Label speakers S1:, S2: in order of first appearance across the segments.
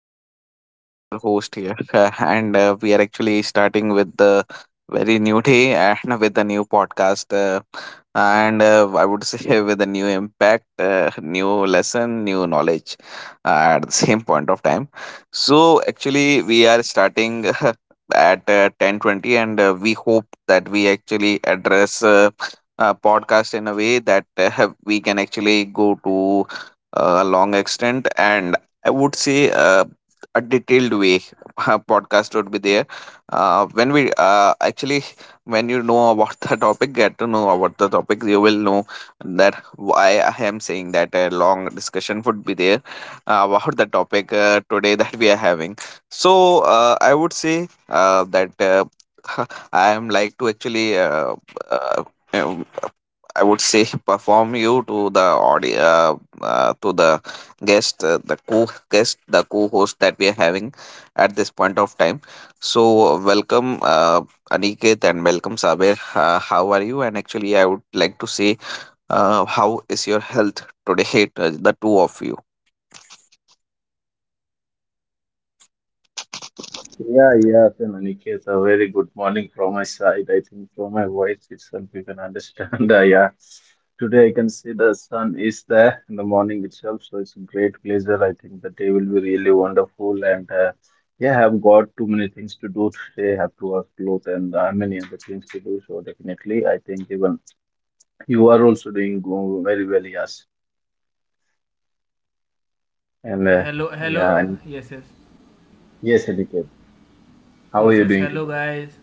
S1: Everyone. So, this is your host here, and we are actually starting with the very new day and with the new podcast. And I would say with a new impact, new lesson, new knowledge at the same point of time. So, actually, we are starting. at 10:20, and we hope that we actually address a podcast in a way that we can actually go to a long extent, and I would say a detailed way. A podcast would be there. Uh, when we uh, actually, when you know about the topic, get to know about the topic, you will know that why I am saying that a long discussion would be there about the topic today that we are having. So I would say that I am like to actually uh, I would say perform you to the audio, to the guest uh, the co guest, the co-host that we are having at this point of time. So welcome Aniket, and welcome Sabir. How are you? And actually, I would like to say, how is your health today? To The two of you.
S2: Yeah, yeah, so in a very good morning from my side. I think from my voice itself, you can understand. Yeah, today I can see the sun is there in the morning itself, so it's a great pleasure. I think the day will be really wonderful, and yeah, I've got too many things to do today. Have to wash clothes and many other things to do. So definitely, I think even you are also doing very well, yes. And
S3: Okay, hello,
S2: yeah,
S3: hello.
S2: and
S3: Yes,
S2: yes, Aniket, how are you
S3: yes, yes.
S2: doing
S3: Hello,
S2: today?
S3: guys.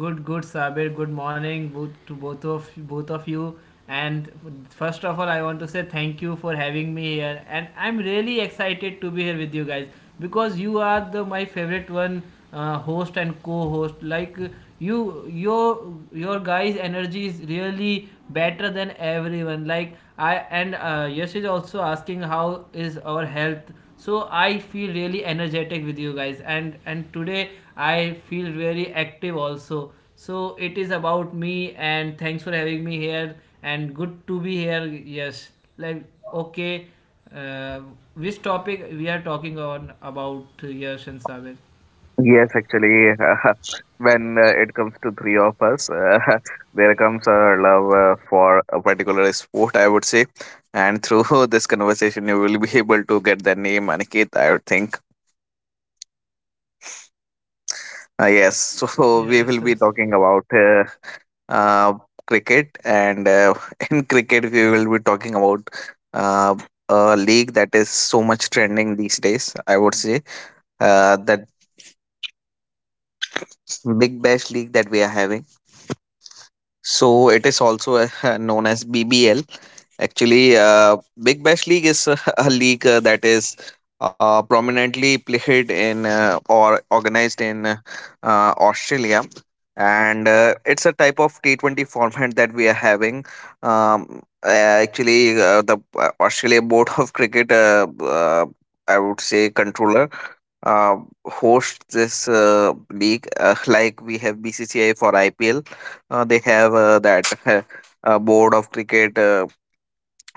S3: Good, Sabir. Good morning, both to both of you. And first of all, I want to say thank you for having me here. And I'm really excited to be here with you guys because you are the my favorite one host and co-host. Like you, your guys' energy is really better than everyone. Like I and Yash is also asking how is our health, so I feel really energetic with you guys, and today I feel very active also, so it is about me and thanks for having me here and good to be here. Yes, like, okay, uh, which topic we are talking on about, Yash and Sabir?
S1: Yes, actually, when it comes to three of us, there comes our love for a particular sport, I would say. And through this conversation, you will be able to get the name Aniket, I would think. Yes, so we will
S3: Yes,
S1: be
S3: yes,
S1: talking about uh, cricket, and in cricket, we will be talking about uh, a league that is so much trending these days, I would say. That Big Bash League that we are having. So it is also known as BBL. Actually, Big Bash League is a league that is prominently played in, or organized in Australia, and it's a type of T20 format that we are having. The Australia Board of Cricket, I would say, controller uh, host this league like we have bcci for ipl, they have that board of cricket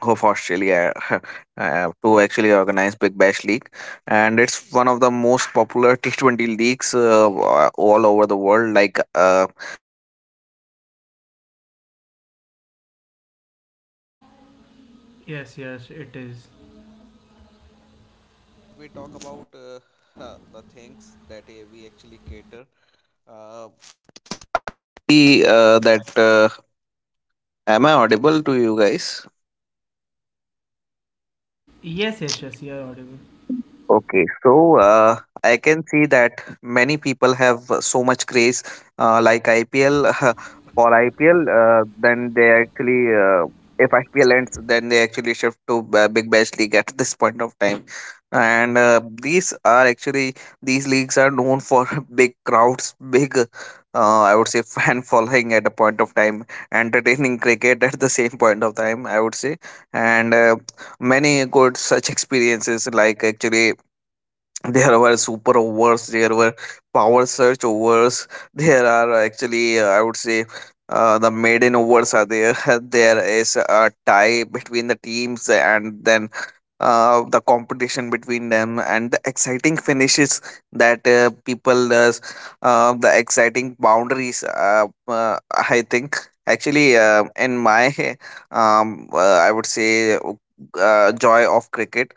S1: of australia to actually organize big bash league, and it's one of the most popular T20 leagues all over the world, like I think after ipl.
S3: yes, yes, it is.
S1: Am I audible to you guys?
S3: Yes, yes, yes, you are audible.
S1: Okay, so I can see that many people have so craze like IPL for IPL. Then they actually, if IPL ends, then they actually shift to Bash League at this point of time. And these leagues are known for big crowds, big, I would say, fan following at a point of time, entertaining cricket at the same point of time. I would say, and many good such experiences, like actually there were super overs, there were power search overs, there are actually I would say the maiden overs are there, there is a tie between the teams, and then the competition between them and the exciting finishes that people does, the exciting boundaries, I think actually in my um, uh, I would say joy of cricket,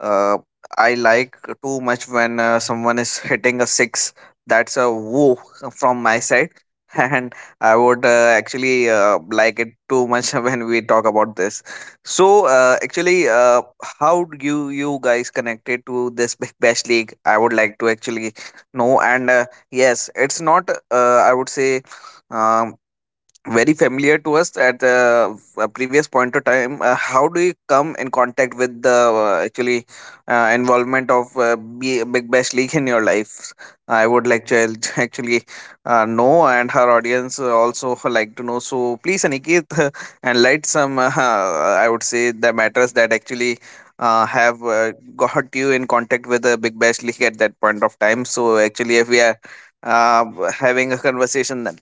S1: uh, I like too much when someone is hitting a six. That's a woo from my side, and I would actually like it too much when we talk about this. So, actually, how do you guys connected to this Big Bash League? I would like to actually know. And yes, it's not. I would say. Um, very familiar to us at the a previous point of time. How do you come in contact with the actually involvement of Big Bash League in your life? I would like to actually know, and her audience also like to know. So please, Aniket, enlighten some. I would say the matters that actually. Have got you in contact with the Big Bash League at that point of time. So actually, if we are having a conversation, then.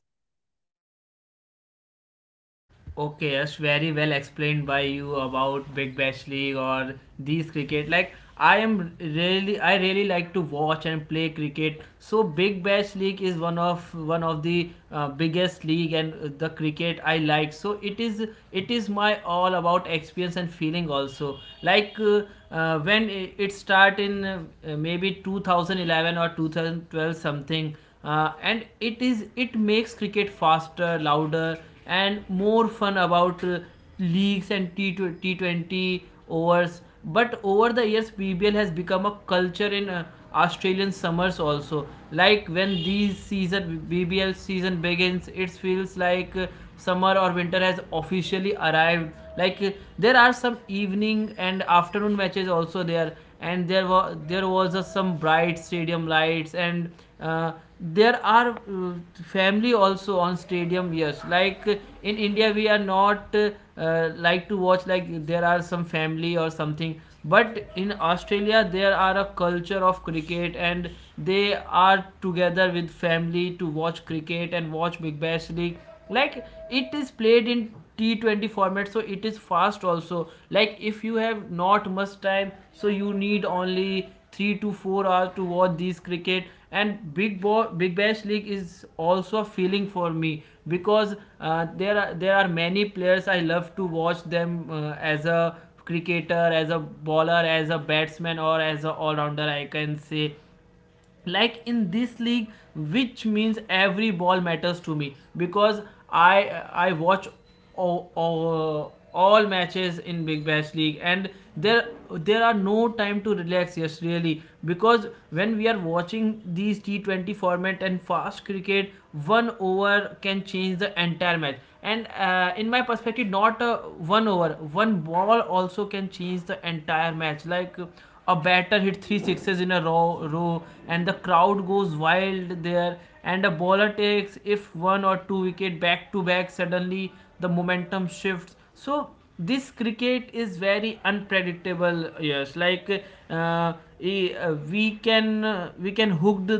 S3: Okay, Yash, very well explained by you about Big Bash League or these cricket. Like I am I really like to watch and play cricket. So Big Bash League is one of the biggest league, and the cricket I like. So it is my all about experience and feeling also. Like when it start in maybe 2011 or 2012 something, and it makes cricket faster, louder, and more fun about leagues and T- 20 overs. But over the years, bbl has become a culture in Australian summers also. Like when these season, bbl season, begins, it feels like summer or winter has officially arrived. Like, there are some evening and afternoon matches also there, and there was some bright stadium lights, and uh, there are family also on stadium. Yes, like in India we are not like to watch, like there are some family or something, but in Australia there are a culture of cricket, and they are together with family to watch cricket and watch Big Bash League. Like, it is played in T20 format, so it is fast also. Like, if you have not much time, so you need only 3 to 4 hours to watch these cricket. And Big Bash League is also a feeling for me because there are many players I love to watch them, as a cricketer, as a bowler, as a batsman, or as a all rounder, I can say. Like in this league, which means every ball matters to me, because I watch all matches in Big Bash League. And there are no time to relax. Yes, really, because when we are watching these T20 format and fast cricket, one over can change the entire match. And in my perspective, not one over, one ball also can change the entire match. Like, a batter hit three sixes in a row, and the crowd goes wild there. And a bowler takes if one or two wicket back to back, suddenly the momentum shifts. So this cricket is very unpredictable. Yes, like uh, we can hooked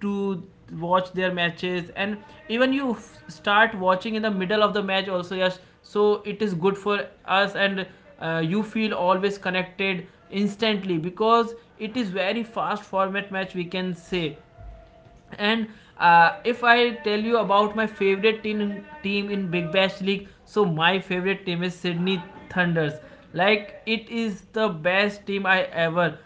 S3: to watch their matches, and even you start watching in the middle of the match also. Yes, so it is good for us. And you feel always connected instantly, because it is very fast format match, we can say. And if I tell you about my favorite team in Big Bash League, so my favorite team is Sydney Thunders. Like, it is the best team I ever,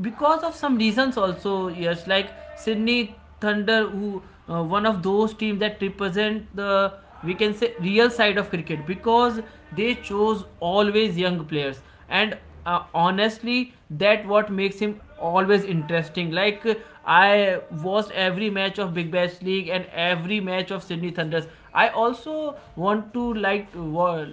S3: because of some reasons also. Yes, like Sydney Thunder, who one of those teams that represent the, we can say, real side of cricket, because they chose always young players. And honestly, that what makes him always interesting. Like, I watched every match of Big Bash League and every match of Sydney Thunders. I also want to like to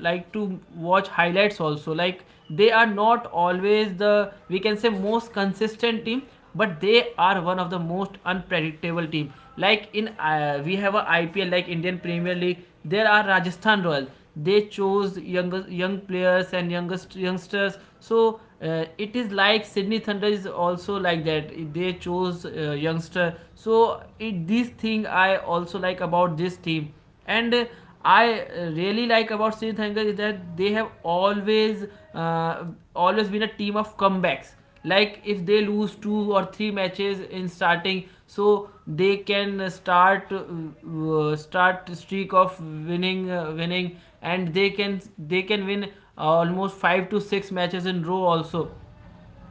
S3: like to watch highlights also. Like, they are not always the, we can say, most consistent team, but they are one of the most unpredictable team. Like, in we have a ipl, like Indian Premier League, there are Rajasthan Royals. They chose young players and youngest youngsters. So it is like Sydney Thunder is also like that. They chose youngster, so this thing I also like about this team. And I really like about Sri Thankar is that they have uh, always been a team of comebacks. Like, if they lose two or three matches in starting, so they can start streak of winning. And they can win almost 5 to 6 matches in row also.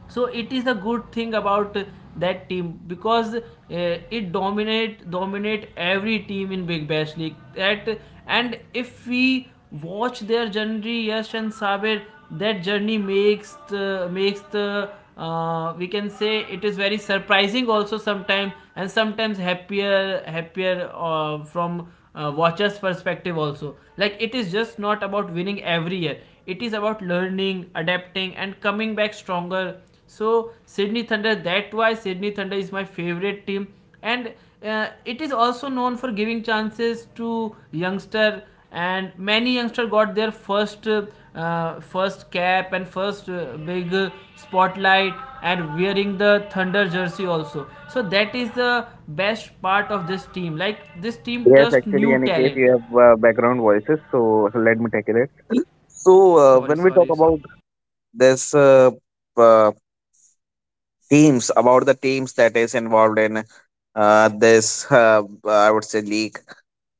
S3: So it is a good thing about that team, because it dominate every team in Big Bash League. That, and if we watch their journey, Yash and Sabir, that journey makes makes the, we can say, it is very surprising also, sometimes, and sometimes happier from watchers perspective also. Like, it is just not about winning every year. It is about learning, adapting, and coming back stronger. So Sydney Thunder, that why Sydney Thunder is my favorite team. And it is also known for giving chances to youngster. And many youngster got their first cap and first big spotlight and wearing the Thunder jersey also. So that is the best part of this team. Like, this team
S1: Yes,
S3: trust
S1: actually,
S3: new
S1: Aniket,
S3: talent.
S1: you have background voices, so let me take it. So,
S3: sorry
S1: when we talk
S3: sorry sorry
S1: about this uh, teams, about the teams that is involved in this, I would say league,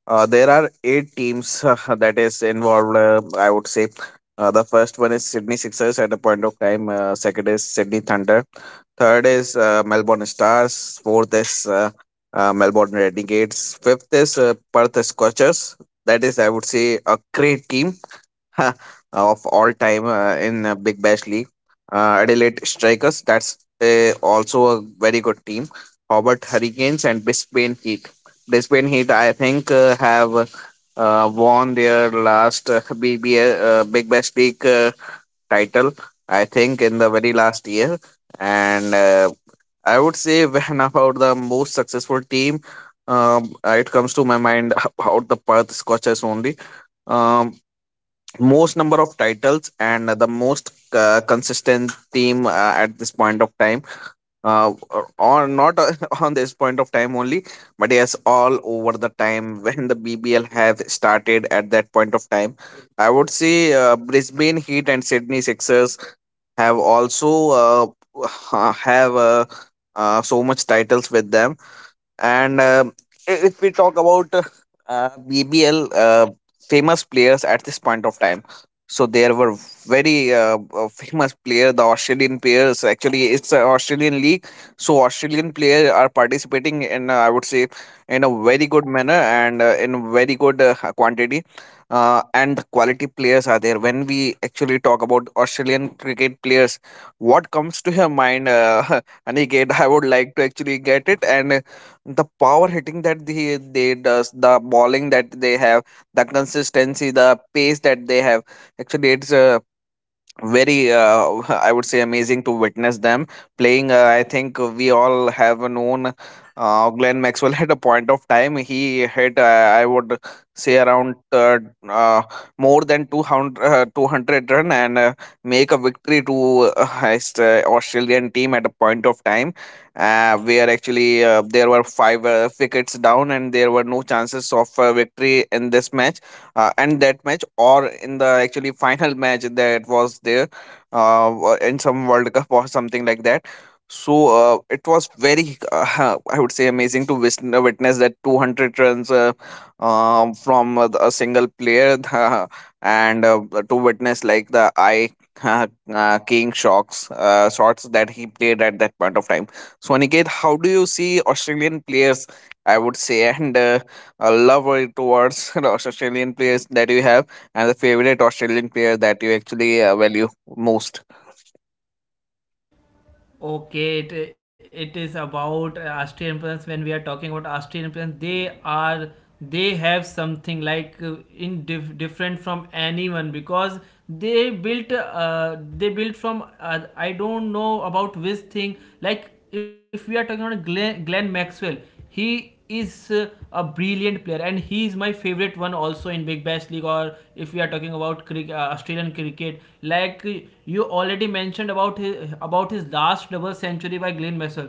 S1: there are eight teams that is involved. I would say the first one is Sydney Sixers at a point of time. Second is Sydney Thunder. Third is Melbourne Stars. Fourth is Melbourne Renegades. Fifth is Perth Scorchers. That is, I would say, a great team of all time in Big Bash League. Adelaide Strikers, that's also a very good team. Hobart Hurricanes and Brisbane Heat. Brisbane Heat, I think, have won their last Big Bash League title, I think, in the very last year. And I would say, when about the most successful team, it comes to my mind about the Perth Scorchers only. Um, most number of titles and the most consistent team at this point of time, uh, or not on this point of time only, but yes all over the time when the bbl have started at that point of time, I would say brisbane heat and sydney sixers have also have so much titles with them. And um, i- if we talk about BBL, famous players at this point of time. So there were very famous player. The Australian players, actually it's an Australian league. So Australian players are participating in I would say in a very good manner, and in very good quantity. And the quality players are there. When we actually talk about Australian cricket players, what comes to your mind, Aniket? I would like to actually get it. And the power hitting that they does, the bowling that they have, the consistency, the pace that they have, actually it's very I would say amazing to witness them playing, I think we all have known glenn maxwell at a point of time. He hit I would say around uh, more than 200, 200 run, and make a victory to his, australian team at a point of time where actually there were five wickets down, and there were no chances of victory in this match, and that match, or in the actually final match that was there in some world cup or something like that. So it was very I would say amazing to witness that 200 runs, from a single player. And to witness like the eye, uh, king shocks, shots that he played at that point of time. So Aniket, how do you see australian players, I would say, and a love or towards Australian players that you have, and the favorite Australian player that you actually value most?
S3: Okay, it is about Austrian influence. When we are talking about Austrian influence, they are, they have something like, different from anyone, because they built from I don't know about which thing. Like, if we are talking about Glenn Maxwell, he is a brilliant player, and he is my favorite one also in Big Bash League. Or if we are talking about cricket, Australian cricket, you already mentioned about about his last double century by Glenn Maxwell.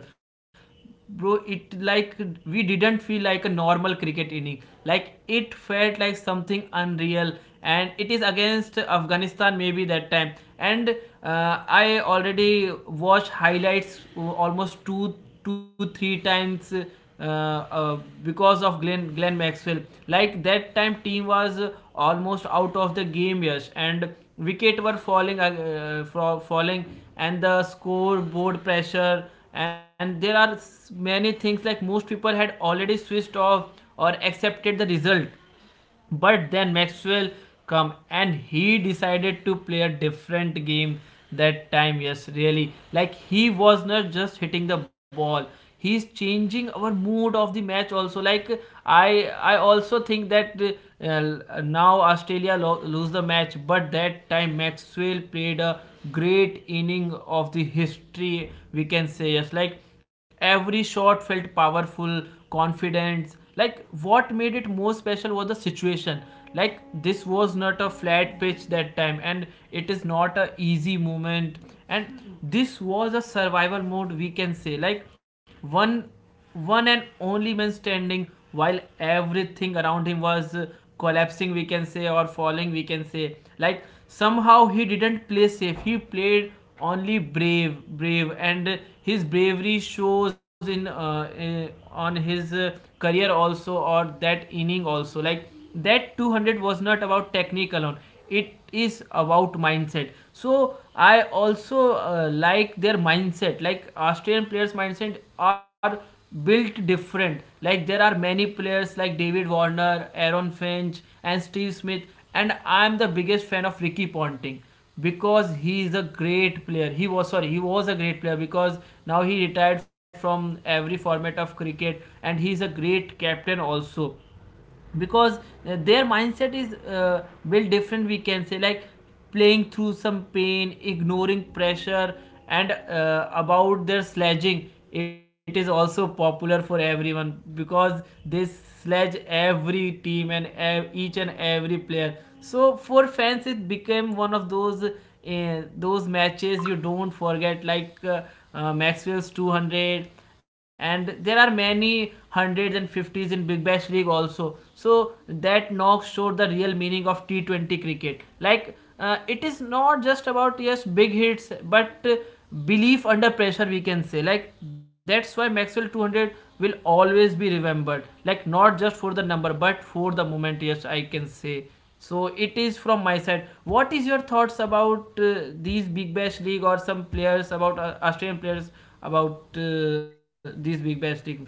S3: Bro, it like, we didn't feel like a normal cricket inning. Like, it felt like something unreal. And it is against Afghanistan, maybe, that time. And I already watched highlights almost 2, 2 3 times, uh, because of Glenn Maxwell. Like, that time, team was almost out of the game, yes, and wicket were falling, from falling, and the scoreboard pressure, and there are many things. Like, most people had already switched off or accepted the result, but then Maxwell come and he decided to play a different game that time. Yes, really. Like, he was not just hitting the ball, he's changing our mood of the match also. Like, I also think that now Australia lose the match, but that time Maxwell played a great inning of the history, we can say. Yes, like, every shot felt powerful, confidence. Like, what made it more special was the situation. Like, this was not a flat pitch that time, and it is not a easy movement, and this was a survival mode, we can say. Like, one, one and only man standing, while everything around him was collapsing, we can say, or falling, we can say. Like, somehow he didn't play safe, he played only brave, and his bravery shows in on his career also or that inning also. Like, that 200 was not about technique alone; it is about mindset. So I also like their mindset. Like, Australian players' mindset are built different. Like, there are many players like David Warner, Aaron Finch, and Steve Smith, and I'm the biggest fan of Ricky Ponting, because he is a great player. He was, sorry, he was a great player, because now he retired from every format of cricket, and he is a great captain also, because their mindset is built different, we can say. Like, playing through some pain, ignoring pressure, and about their sledging, it is also popular for everyone, because they sledge every team and each and every player. So for fans it became one of those, those matches you don't forget. Like Maxwell's 200, and there are many hundreds and fifties in Big Bash League also. So that knock showed the real meaning of T20 cricket. Like, it is not just about, yes, big hits, but belief under pressure, we can say. Like, that's why Maxwell 200 will always be remembered. Like, not just for the number, but for the moment. Yes, I can say. So it is from my side. What is your thoughts about these Big Bash League, or some players about Australian players, about these Big Bash League, Saber?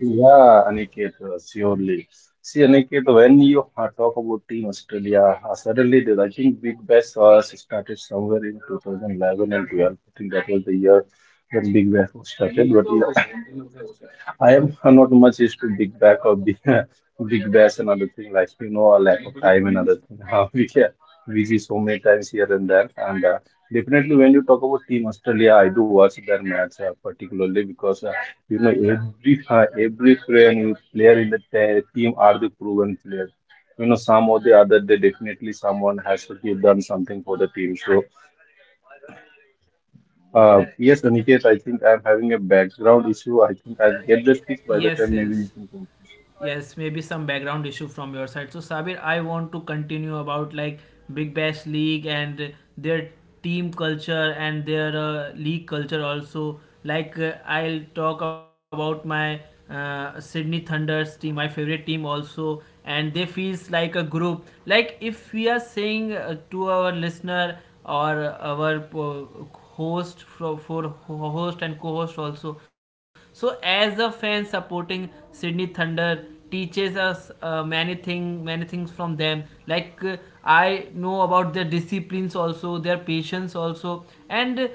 S2: Yeah, Aniket, surely. See, Aniket, when you talk about Team Australia, suddenly I think Big Bash started somewhere in 2011 and 12. I think that was the year when Big Bash was started. But yeah, I am not much used to big back or big, big bash and other thing, like you know, a lack of time and other thing. How we get busy so many times here and there. And definitely when you talk about Team Australia, I do watch their match particularly because you know, every player in the team are the proven players. You know, some or the other, they definitely someone has to give done something for the team. So yes, Aniket, I think I'm having a background issue. I think I'll get this fixed by the
S3: Yes,
S2: time maybe.
S3: yes. Yes, maybe some background issue from your side. So Sabir, I want to continue about, like, Big Bash League and their team culture and their league culture also. Like, I'll talk about my Sydney Thunders team, my favorite team also. And they feels like a group, like if we are saying, to our listener or our host for host and co-host also. So as a fan, supporting Sydney Thunder teaches us many things from them. Like, I know about their disciplines also, their patience also, and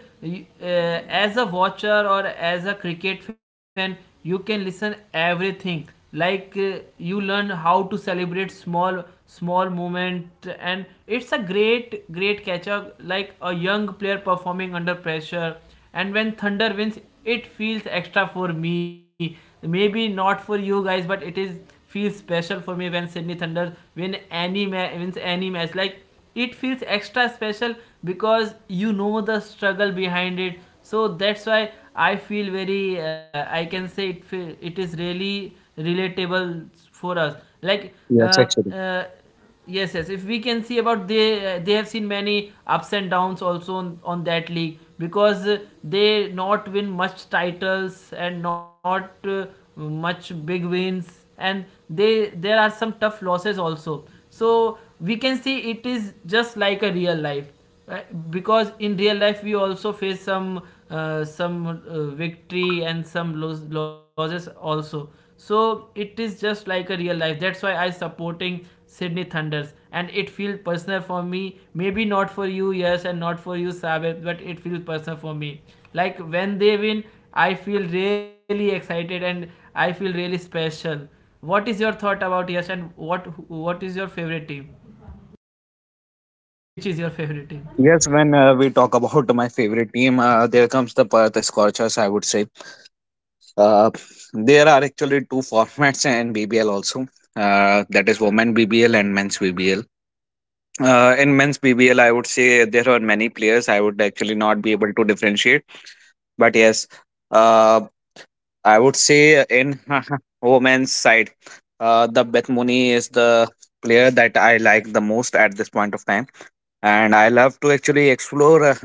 S3: uh, as a watcher or as a cricket fan, you can listen everything, like, you learn how to celebrate small small movement. And it's a great great catcher, like a young player performing under pressure. And when Thunder wins, it feels extra for me, maybe not for you guys, but it is feels special for me. When Sydney Thunder wins any match, like, it feels extra special because you know the struggle behind it. So that's why I feel very I can say, it is really relatable for us. Like
S1: Yes,
S3: uh,
S1: actually.
S3: uh, yes, if we can see about they have seen many ups and downs also on that league, because they not win much titles and not much big wins. And they there are some tough losses also. So we can see it is just like a real life, right? Because in real life we also face some victory and some losses also. So it is just like a real life. That's why I supporting Sydney Thunders, and it feels personal for me, maybe not for you, yes, and not for you, Sabir, but it feels personal for me. Like when they win, I feel really excited and I feel really special. What is your thought about? Yes. And what is your favorite team? Which is your favorite team?
S1: Yes, when we talk about my favorite team, there comes the Perth Scorchers, I would say. Uh, there are actually two formats in BBL also. That is women BBL and men's BBL. In men's BBL, I would say there are many players. I would actually not be able to differentiate. But yes, uh, I would say in women's side, the Beth Mooney is the player that I like the most at this point of time, and I love to actually explore uh,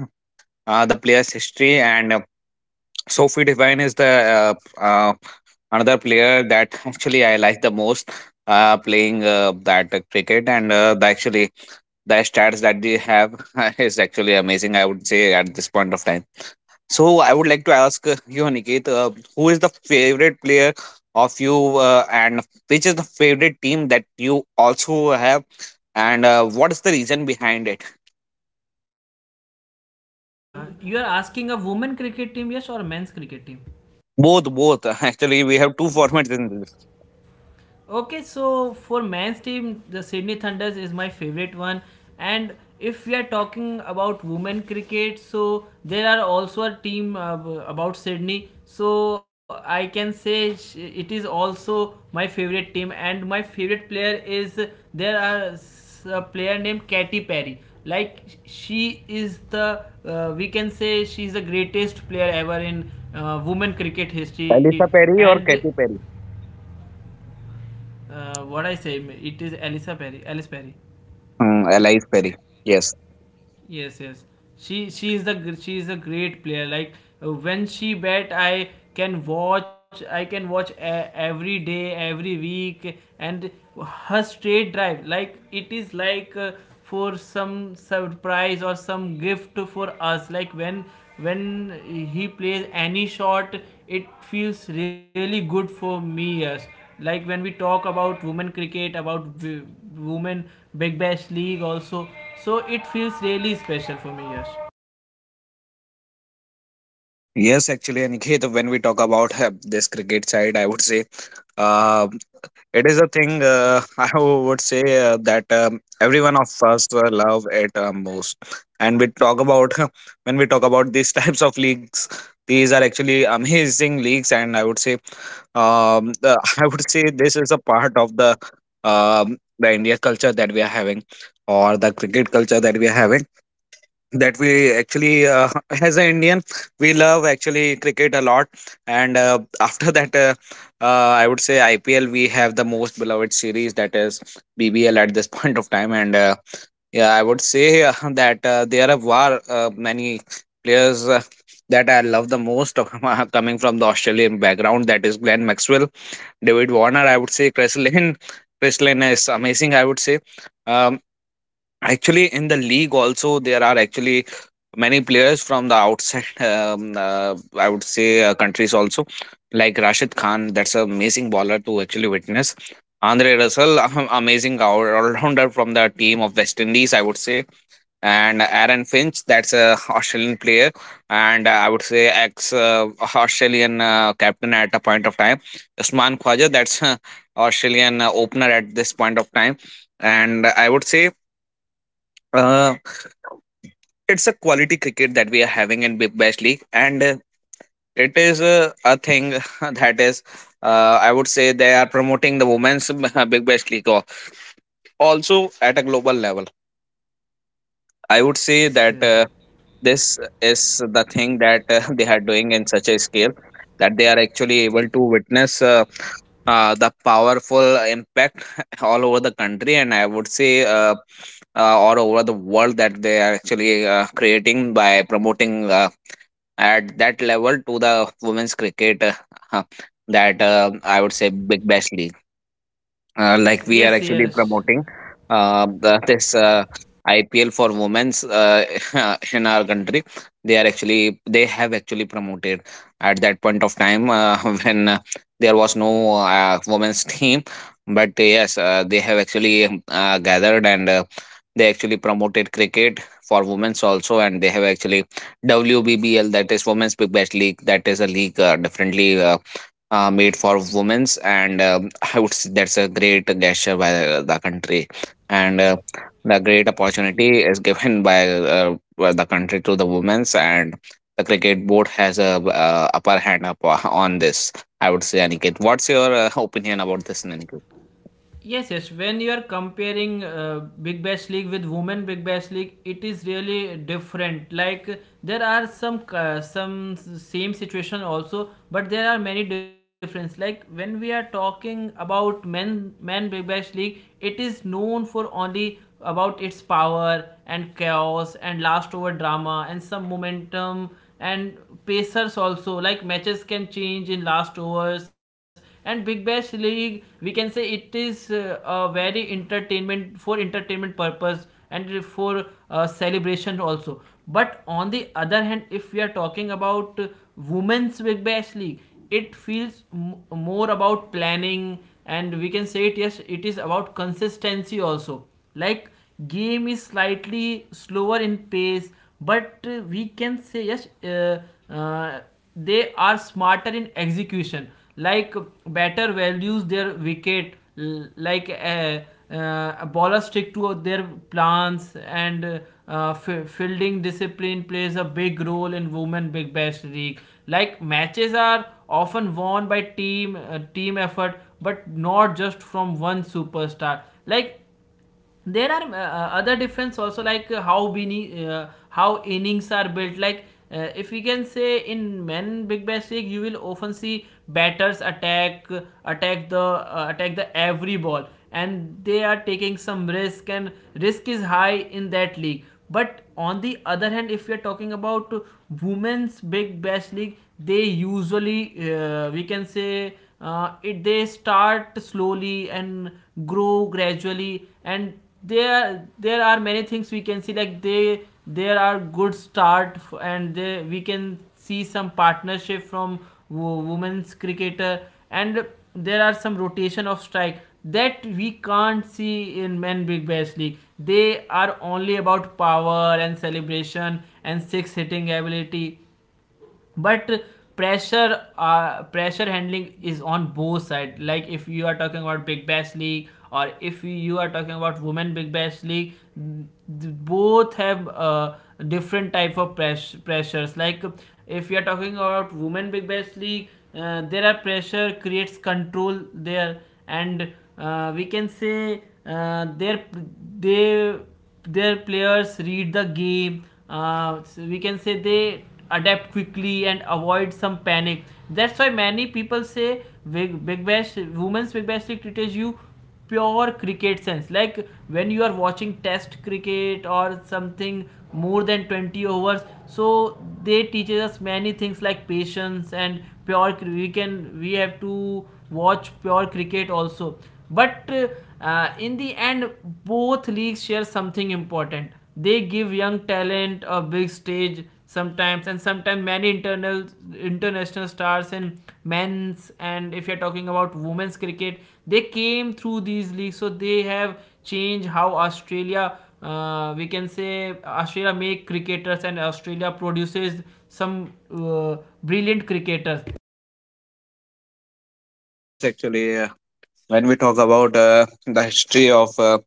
S1: uh, the player's history. And Sophie Devine is the uh, uh, another player that actually I like the most. Playing that cricket, and the actually the stats that they have is actually amazing. I would say at this point of time. So I would like to ask you, Aniket, who is the favorite player of you, and which is the favorite team that you also have, and what is the reason behind it?
S3: You are asking a women cricket team, yes, or a men's cricket team?
S1: Both, both. Actually, we have two formats in this:
S3: Okay, so for men's team, the Sydney Thunders is my favorite one. And if we are talking about women cricket, so there are also a team about Sydney. So I can say it is also my favorite team. And my favorite player is, a player named Katy Perry. Like she is the, we can say she is the greatest player ever in women cricket history.
S1: Elisa Perry
S3: And
S1: or Katy Perry.
S3: what I say, it is Elisa Perry, Alice Perry.
S1: Hmm, Elise Perry. Yes.
S3: Yes, yes. She is the she is a great player. Like, when she bet, I can watch. I can watch every day, every week, and her straight drive. Like it is like, for some surprise or some gift for us. Like when he plays any shot, it feels really good for me. Yes. Like when we talk about women cricket, about women Big Bash League also, so it feels really special for me, Yash.
S1: Yes, actually, Aniket, when we talk about this cricket side, I would say uh, it is a thing I would say that every one of us love it most. And we talk about when we talk about these types of leagues, these are actually amazing leagues, and I would say the, I would say this is a part of the India culture that we are having, or the cricket culture that we are having, that we actually as an indian we love actually cricket a lot. And after that, I would say ipl we have the most beloved series, that is bbl at this point of time. And yeah, I would say that there are many players that I love the most of- coming from the australian background, that is glenn maxwell, david warner, I would say chris lynn. Chris lynn is amazing, I would say. Um, Actually, in the league also, there are actually many players from the outside. I would say countries also, like Rashid Khan. That's an amazing baller to actually witness. Andre Russell, amazing all rounder from the team of West Indies, I would say. And Aaron Finch, that's a Australian player, and I would say ex Australian captain at a point of time. Usman Khwaja, that's Australian opener at this point of time, and I would say. Uh, it's a quality cricket that we are having in Big Bash League, and it is a thing that is, I would say, they are promoting the women's Big Bash League also at a global level. I would say
S3: Yes,
S1: that
S3: yes,
S1: this is the thing that they are doing in such a scale that they are actually able to witness the powerful impact all over the country, and I would say. All over the world, that they are actually creating by promoting at that level, to the women's cricket uh, that I would say big bash league,
S3: yes,
S1: like we are
S3: yes,
S1: actually
S3: yes,
S1: promoting this IPL for women's in our country. They have actually promoted at that point of time when there was no women's team, but yes, they have actually gathered and. They actually promoted cricket for women's also, and they have actually wbbl, that is women's big bash league, that is a league differently made for women's. And I would say that's a great gesture by the country and the great opportunity is given by the country, to the women's. And the cricket board has a upper hand up on this. I would say, aniket, what's your opinion about this, aniket?
S3: yes, yes. When you are comparing Big Bash League with Women Big Bash League, it is really different. Like there are some same situation also, but there are many difference. Like when we are talking about men Big Bash League, it is known for only about its power and chaos and last over drama and some momentum and pacers also. Like matches can change in last overs. And Big Bash League, we can say it is a very entertainment for entertainment purpose and for celebration also. But on the other hand, if we are talking about women's Big Bash League, it feels more about planning. And we can say it, yes, it is about consistency also. Like, game is slightly slower in pace, but we can say yes uh, they are smarter in execution. Like, better values their wicket. Like, a bowlers stick to their plans, and uh, fielding discipline plays a big role in women Big Bash League. Like, matches are often won by team team effort, but not just from one superstar. Like, there are other difference also. Like, how many how innings are built. Like, if we can say, in men Big Bash League you will often see batters attack, attack the every ball, and they are taking some risk, and risk is high in that league. But on the other hand, if we are talking about women's Big Bash League, they usually, we can say, it they start slowly and grow gradually. And there are many things we can see, like they, there are good start and they, we can see some partnership from women's cricketer. And there are some rotation of strike that we can't see in men Big Bash League. They are only about power and celebration and six hitting ability. But pressure, pressure handling is on both side. Like, if you are talking about Big Bash League or if you are talking about women Big Bash League, both have different type of pressures. Like, if you are talking about women Big Bash League, there are pressure creates control there. And we can say their they their players read the game, so we can say they adapt quickly and avoid some panic. That's why many people say big bash, women's Big Bash League teaches you pure cricket sense. Like when you are watching test cricket or something more than 20 overs, so they teaches us many things like patience, and pure, we can, we have to watch pure cricket also. But in the end, both leagues share something important. They give young talent a big stage sometimes, and sometimes many internal international stars in men's. And if you're talking about women's cricket, they came through these leagues. So they have changed how Australia. We can say Australia make cricketers, and Australia produces some brilliant cricketers.
S1: Yes, actually, when we talk about the history of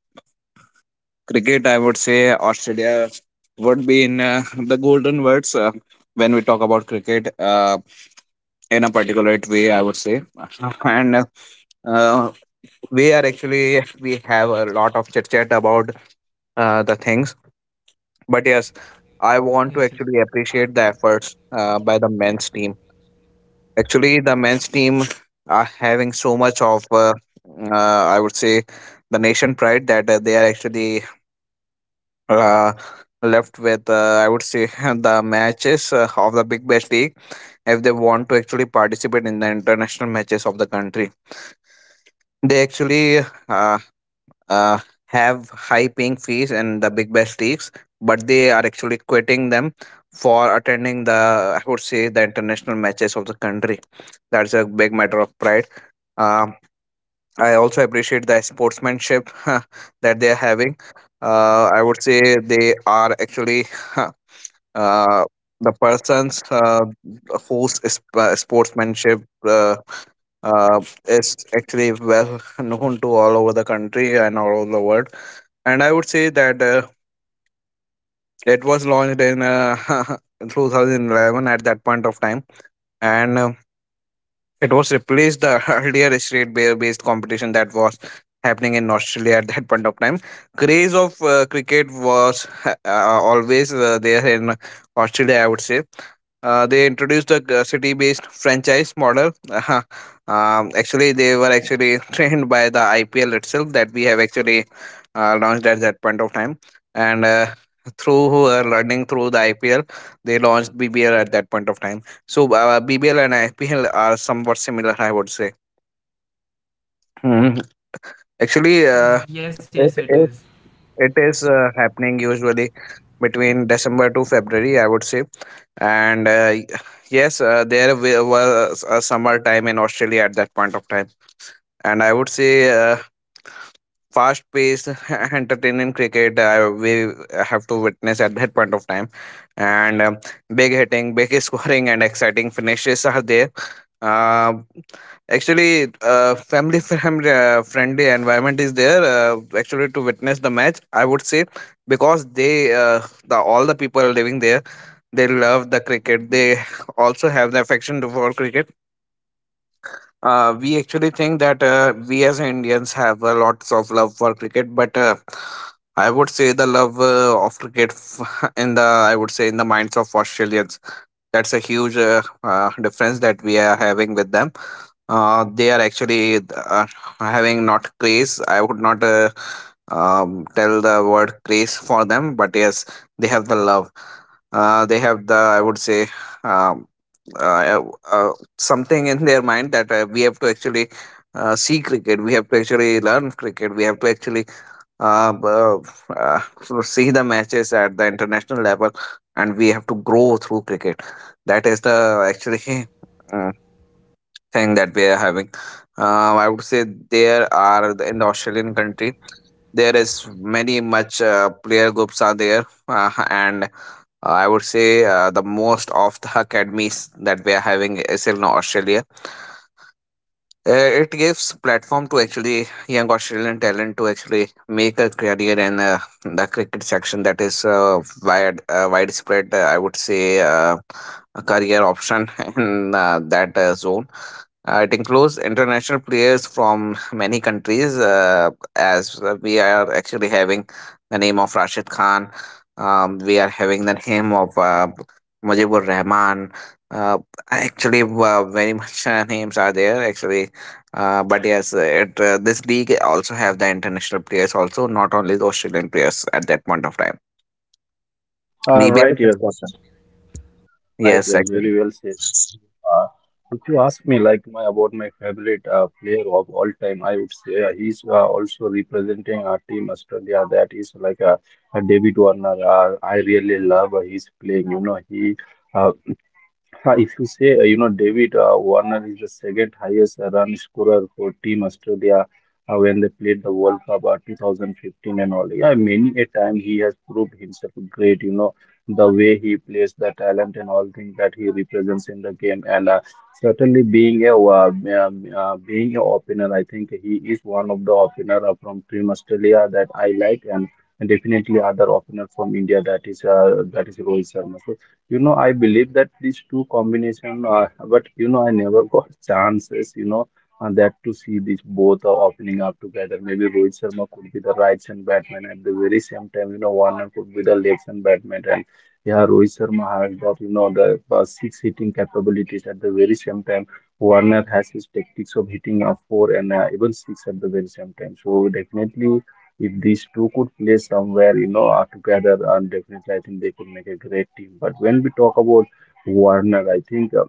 S1: cricket, I would say Australia would be in the golden words when we talk about cricket. In a particular way, I would say. And uh, we are actually, we have a lot of chit chat about the things. But yes, I want to
S3: Yes, yes.
S1: actually appreciate the efforts by the men's team. Actually, the men's team are having so much of, I would say, the nation pride that they are actually uh, left with, I would say, the matches of the Big Bash League, if they want to actually participate in the international matches of the country. They actually uh, uh, have high paying fees and the big bash leagues, but they are actually quitting them for attending the, I would say, the international matches of the country. That's a big matter of pride. Uh, I also appreciate the sportsmanship that they are having. I would say they are actually uh, the persons whose sportsmanship uh, is actually well known to all over the country and all over the world. And I would say that it was launched in 2011 at that point of time. And it was replaced the earlier straight bear based competition that was happening in Australia at that point of time. Craze of cricket was always there in Australia, I would say. They introduced a city-based franchise model. Uh-huh. Actually, they were actually trained by the IPL itself, that we have actually launched at that point of time. And through learning through the IPL, they launched BBL at that point of time. So BBL and IPL are somewhat similar, I would say. Hmm.
S3: Yes, yes, it
S1: Actually,
S3: is.
S1: it, it, it is happening usually between December to February, I would say. And yes, there was a summer time in Australia at that point of time. And I would say fast-paced, entertaining cricket we have to witness at that point of time, and big hitting, big scoring, and exciting finishes are there. Uh, Actually, family friendly, friendly environment is there. Actually, to witness the match, I would say, because they, the all the people living there, they love the cricket. They also have the affection for cricket. We actually think that we as Indians have lots of love for cricket, but I would say the love of cricket f- in the I would say in the minds of Australians, that's a huge difference that we are having with them. They are actually having not craze, I would not tell the word craze for them, but yes, they have the love. They have the I would say um, uh, uh, uh, something in their mind that we have to actually see cricket, we have to actually learn cricket, we have to actually uh, b- uh, to see the matches at the international level, and we have to grow through cricket. That is the actually uh, thing that we are having. I would say, there are in the australian country, there is many much player groups are there. Uh, and I would say the most of the academies that we are having is in australia. It gives platform to actually young Australian talent to actually make a career in the cricket section, that is wide, widespread, I would say, a career option in that zone. It includes international players from many countries, as we are actually having the name of Rashid Khan. We are having the name of Mujibur Rahman. Uh, Actually, very much names are there. Actually, but yes, it this league also have the international players also, not only the Australian players at that point of time. BBL
S2: Right,
S1: is
S2: yes,
S1: important.
S2: right, yes,
S1: Yes.
S2: very well said. Uh, if you ask me, like my favorite player of all time, I would say he's also representing our team Australia. That is like a David Warner. I really love his playing. You know, he, uh, if you say, you know, David Warner is the second highest run scorer for Team Australia when they played the World Cup 2015 and all. Yeah, many a time he has proved himself great, you know, the way he plays, the talent and all things that he represents in the game. And certainly, being a, opener, I think he is one of the opener from Team Australia that I like, and definitely other opener from India, that is Rohit Sharma. So you know, I believe that these two combination are, but you know, I never got chances, you know, and that, to see these both are opening up together, maybe Rohit Sharma could be the right hand batman at the very same time. You know, Warner could be the left hand batman, and yeah, Rohit Sharma has got, you know, the six hitting capabilities at the very same time. Warner has his tactics of hitting a four, and even six at the very same time. So definitely, if these two could play somewhere, you know, are together, and definitely I think they could make a great team. But when we talk about Warner, I think.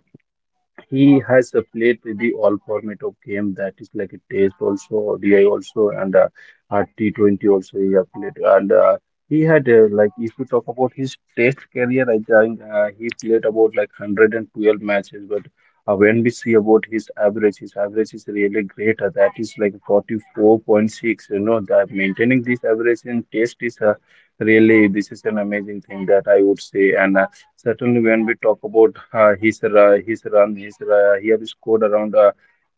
S2: He has played the all format of game, that is like a test also, ODI also, and T20 also he has played. And he had, like if you talk about his test career, I think he played about like 112 matches. But when we see about his average is really great. That is like 44.6. You know that maintaining this average in test is, really this is an amazing thing that I would say. And certainly, when we talk about his his run, he have scored around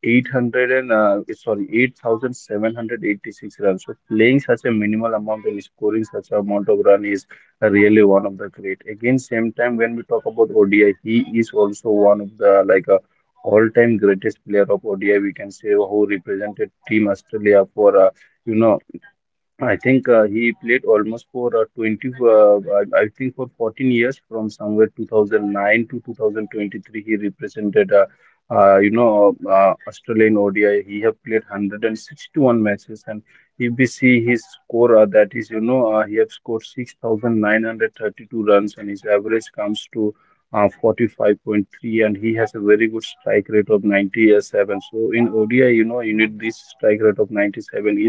S2: 800 and, sorry, 8,786 runs. So playing such a minimal amount and scoring such amount of run is really one of the great. Again, same time when we talk about ODI, he is also one of the, like, all-time greatest player of ODI. We can say, who represented Team Australia for, you know, I think he played almost for 20, I think for 14 years from somewhere 2009 to 2023. He represented, you know, Australian ODI. He have played 161 matches, and if we see his score, that is, you know, he have scored 6,932 runs, and his average comes to 45.3, and he has a very good strike rate of 97. So in ODI, you know, you need this strike rate of 97.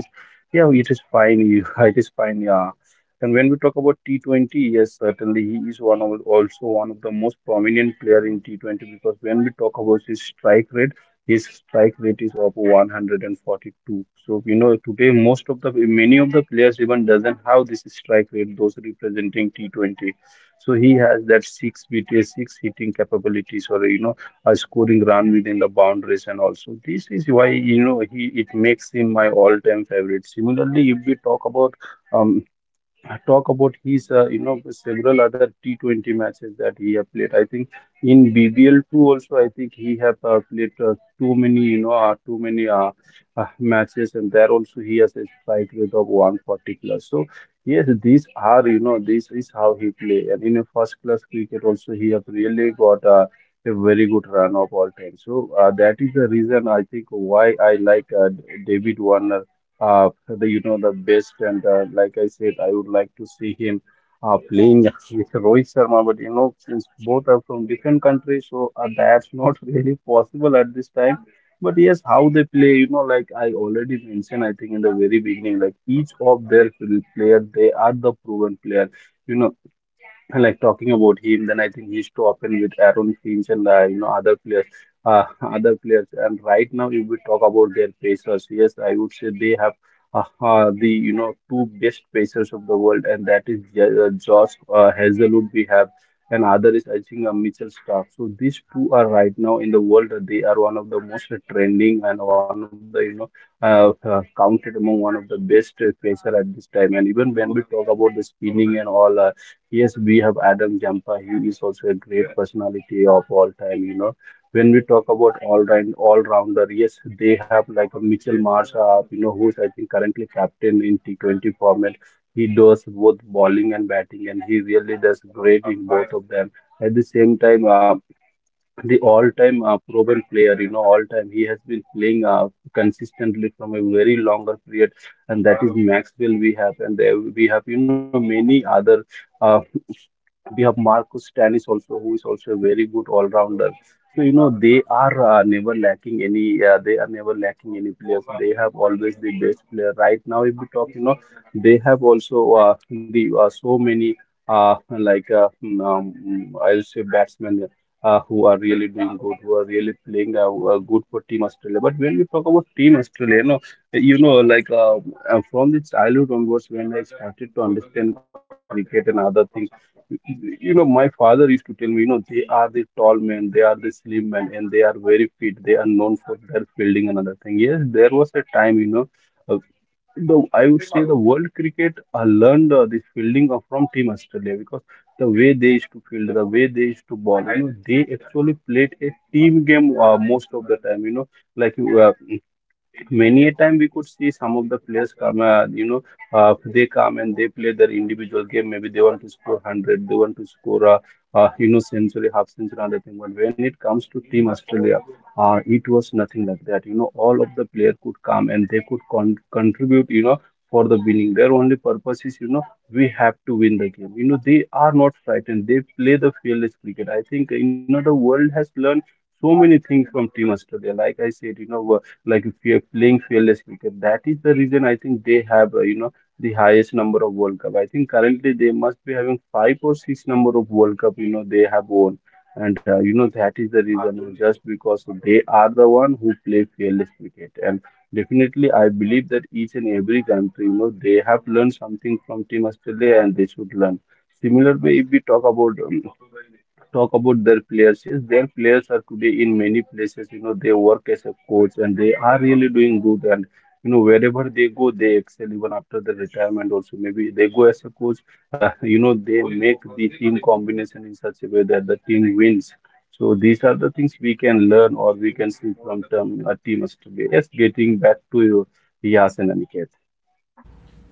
S2: Yeah, it is fine. It is fine. Yeah. And when we talk about T20, yes, certainly he is one of, also one of the most prominent player in T20, because when we talk about his strike rate is of 142. So we know, today, most of the, many of the players even doesn't have this strike rate. Those representing T20, so he has that six BT six hitting capabilities, or you know, scoring run within the boundaries. And also this is why, you know, he it makes him my all-time favorite. Similarly, if we talk about, um, talk about his, you know, several other T20 matches that he have played, I think in BBL too also, I think he have played too many, matches, and there also he has a strike rate of 140 plus. So yes, these are, you know, this is how he play, and in a first class cricket also he have really got. A very good run of all time. So that is the reason I think why I like, David Warner, the you know the best, and like I said, I would like to see him playing with Rohit Sharma. But you know, since both are from different countries, so that's not really possible at this time. But yes, how they play, you know, like I already mentioned, I think in the very beginning, like each of their player, they are the proven player, you know. Like talking about him, then I think he's top in with Aaron Finch and you know, other players, uh, other players. And right now, if we talk about their pacers, yes, I would say they have the two best pacers of the world, and that is Josh Hazelwood we have, and other is I think Mitchell Stark. So these two are right now in the world. They are one of the most trending and one of the, you know, counted among one of the best pacer at this time. And even when we talk about the spinning and all. Yes, we have Adam Jampa. He is also a great personality of all time. You know, when we talk about all rounder, yes, they have like a Mitchell Marsh. You know, who is I think currently captain in T20 format. He does both bowling and batting, and he really does great in both of them. At the same time, the all-time proven player, you know, all-time. He has been playing consistently from a very longer period, and that is Maxwell. We have, and there we have, you know, many other. Uh, we have Marcus Stanis also, who is also a very good all-rounder. So you know, they are never lacking any. They are never lacking any players. They have always the best player. Right now, if we talk, you know, they have also the so many like I'll say batsmen, who are really doing good, who are really playing good for Team Australia. But when we talk about Team Australia, you know, like from the childhood onwards, when I started to understand cricket and other things, you know, my father used to tell me, you know, they are the tall men, they are the slim men, and they are very fit. They are known for their fielding and other thing. Yes, there was a time, you know. Uh, the, I would say, the world cricket learned this fielding from Team Australia, because the way they used to field, the way they used to ball. You know, they actually played a team game most of the time. You know, like you. Many a time we could see some of the players come, you know, they come and they play their individual game. Maybe they want to score 100, they want to score, you know, century, half century, other thing. But when it comes to Team Australia, it was nothing like that. You know, all of the players could come and they could contribute, you know, for the winning. Their only purpose is, you know, we have to win the game. You know, they are not frightened. They play the fearless cricket. I think, you know, the world has learned so many things from Team Australia. Like I said, you know, like if you're playing fearless cricket. That is the reason I think they have, you know, the highest number of World Cup. I think currently they must be having five or six number of World Cup, you know, they have won. And you know, that is the reason just because they are the one who play fearless cricket. And definitely, I believe that each and every country, you know, they have learned something from Team Australia and they should learn. Similar way, if we talk about their players. Yes, their players are today in many places. You know, they work as a coach and they are really doing good. And you know, wherever they go, they excel. Even after the retirement, also maybe they go as a coach. You know, they make the team combination in such a way that the team wins. So these are the things we can learn or we can see from teams today. Yes, getting back to you, Yasin and Niket.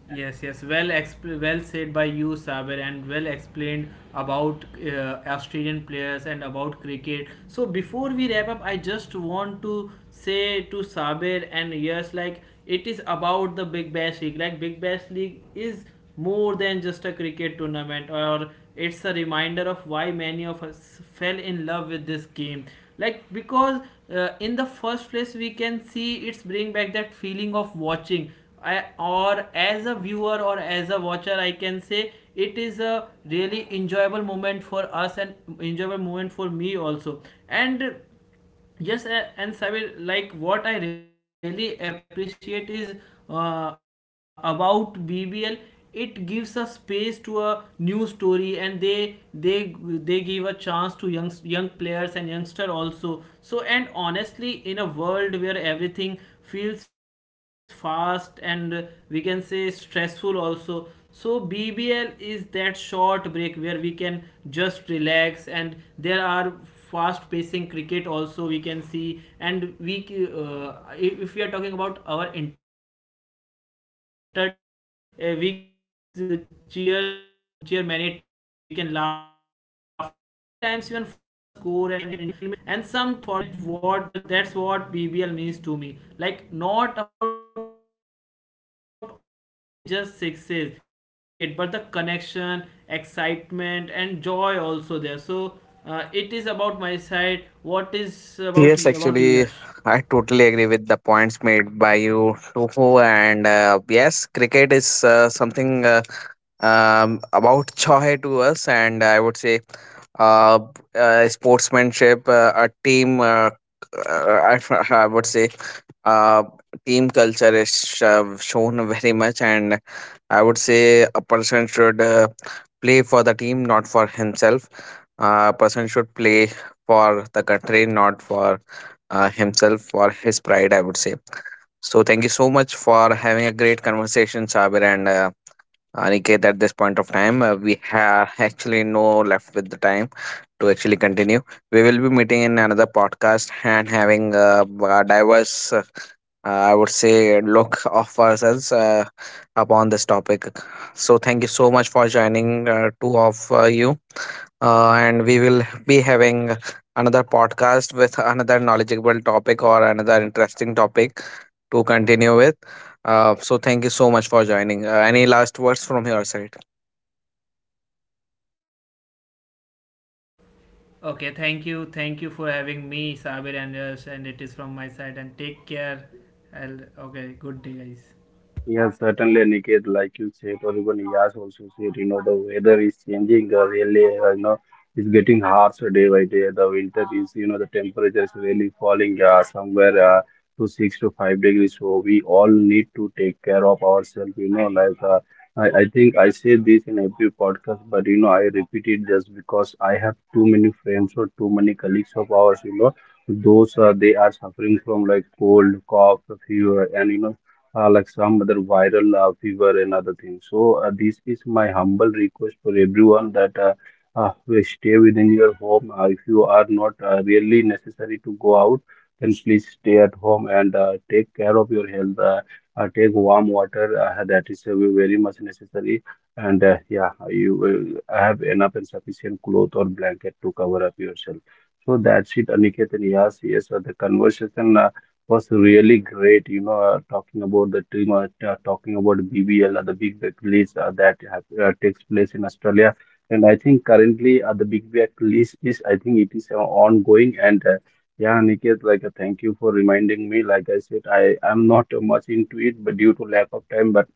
S3: Yes, yes. Well, well said by you, Saber, and well explained about Australian players and about cricket. So before we wrap up, I just want to say to Saber, and yes, like, it is about the Big Bash League. Like Big Bash League is more than just a cricket tournament, or it's a reminder of why many of us fell in love with this game. Like, because in the first place, we can see it's bring back that feeling of watching. I, or as a viewer or as a watcher, I can say it is a really enjoyable moment for us, and enjoyable moment for me also. And yes, and Sabir, like, what I really appreciate is, about BBL, it gives a space to a new story, and they give a chance to young young players and youngster also. So, and honestly, in a world where everything feels fast and, we can say, stressful also, so BBL is that short break where we can just relax. And there are fast pacing cricket also, we can see. And we if we are talking about our entertainment, we can uh, cheer many teams, we can laugh on them, and sometimes even forget the score and enjoy the movement also. So yeah, that's what BBL means to me. Like, not about only just sixes and wicket, but the connection, excitement and joy also there. So it is about my side. What is about you, about you, Yash?
S1: Yes, actually, I totally agree with the points made by you, Toho. And yes, cricket is something about joy to us, and I would say uh, sportsmanship, a team. I, I would say uh, team culture is shown very much, and I would say a person should play for the team, not for himself. A person should play for the country, not for himself, for his pride, I would say. So, thank you so much for having a great conversation, Sabir, and Aniket. At this point of time, we have actually no left with the time to actually continue. We will be meeting in another podcast and having a diverse, I would say, look of ourselves upon this topic. So, thank you so much for joining, two of you. And we will be having another podcast with another knowledgeable topic or another interesting topic to continue with. So thank you so much for joining. Any last words from your side?
S3: Okay, thank you. Thank you for having me, Sabir and Yash. And it is from my side, and take care. I'll, okay, good day, guys.
S2: Yes, certainly, Aniket, like you said, or even Yas also said, you know, the weather is changing, really, you know, it's getting harsher day by day. The winter is, you know, the temperature is really falling somewhere to 6 to 5 degrees. So we all need to take care of ourselves, you know, like I think I say this in every podcast, but, you know, I repeat it just because I have too many friends or too many colleagues of ours, you know, those they are suffering from like cold, cough, fever, and you know, like some other viral fever and other things. So this is my humble request for everyone that we stay within your home. If you are not really necessary to go out, then please stay at home and take care of your health. Take warm water. That is very much necessary. And yeah, you will have enough and sufficient cloth or blanket to cover up yourself. So that's it, Aniket and Yas. Yes, the conversation was really great. You know, talking about the team, talking about BBL, the Big Bash League that have, takes place in Australia. And I think currently the Big Bash League is, I think it is ongoing. And yeah, Niket, like thank you for reminding me. Like I said, I am not much into it, but due to lack of time. But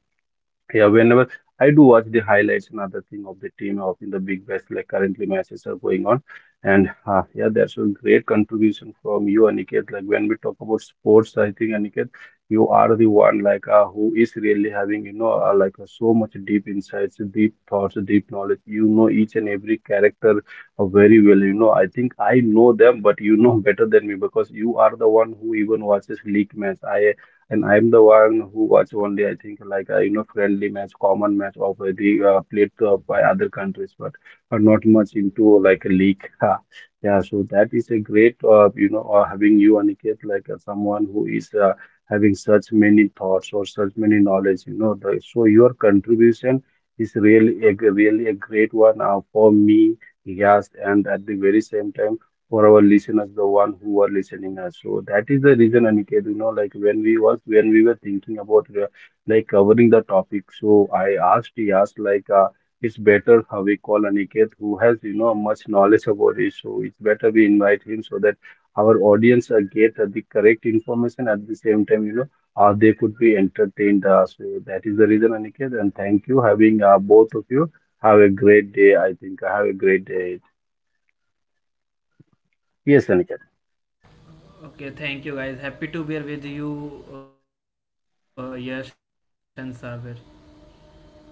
S2: yeah, whenever I do watch the highlights and other thing of the team of in the big bash, like currently matches are going on, and yeah, there's a great contribution from you, Aniket. Like when we talk about sports, I think Aniket, you are the one like who is really having you know so much deep insights, deep thoughts, deep knowledge. You know each and every character very well. You know, I think I know them, but you know better than me because you are the one who even watches league match. I and I'm the one who watch only, I think, you know, friendly match, common match of the played by other countries, but not much into like a league. Yeah, so that is a great, you know, having you, Aniket, like someone who is having such many thoughts or such many knowledge, you know. So your contribution is really a great one for me. Yes, and at the very same time for our listeners, the one who are listening us. So that is the reason, Aniket, you know, like when we were thinking about like covering the topic, he asked like, it's better how we call Aniket, who has you know much knowledge about it. So it's better we invite him so that our audience get the correct information at the same time, you know, or they could be entertained. So that is the reason, Aniket, and thank you having both of you. Have a great day. I think have a great day. Yes, Aniket.
S3: Okay, thank you, guys. Happy to be here with you, Yash and Sabir.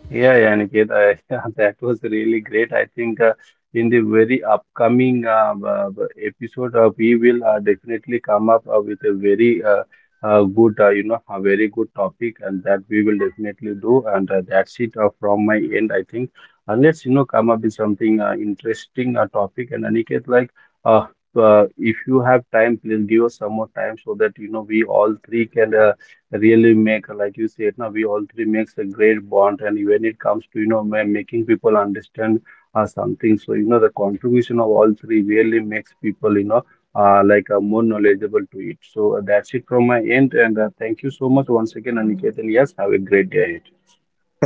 S2: Yeah, Aniket, I, yeah, that was really great. I think in the very upcoming episode, we will definitely come up with a very good, you know, a very good topic, and that we will definitely do. And that's it from my end, I think. Unless, you know, come up with something interesting topic. And Aniket, like, uh, if you have time, please give us some more time so that, you know, we all three can really make like you said now we all three makes a great bond and when it comes to you know making people understand something so you know the contribution of all three really makes people you know more knowledgeable to it so that's it from my end and thank you so much once again Aniket and yes have a great day ahead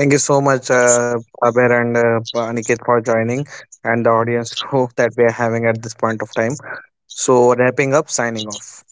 S1: Thank you so much, Abir and Aniket, for joining, and the audience hope that we are having at this point of time. So, wrapping up, signing off.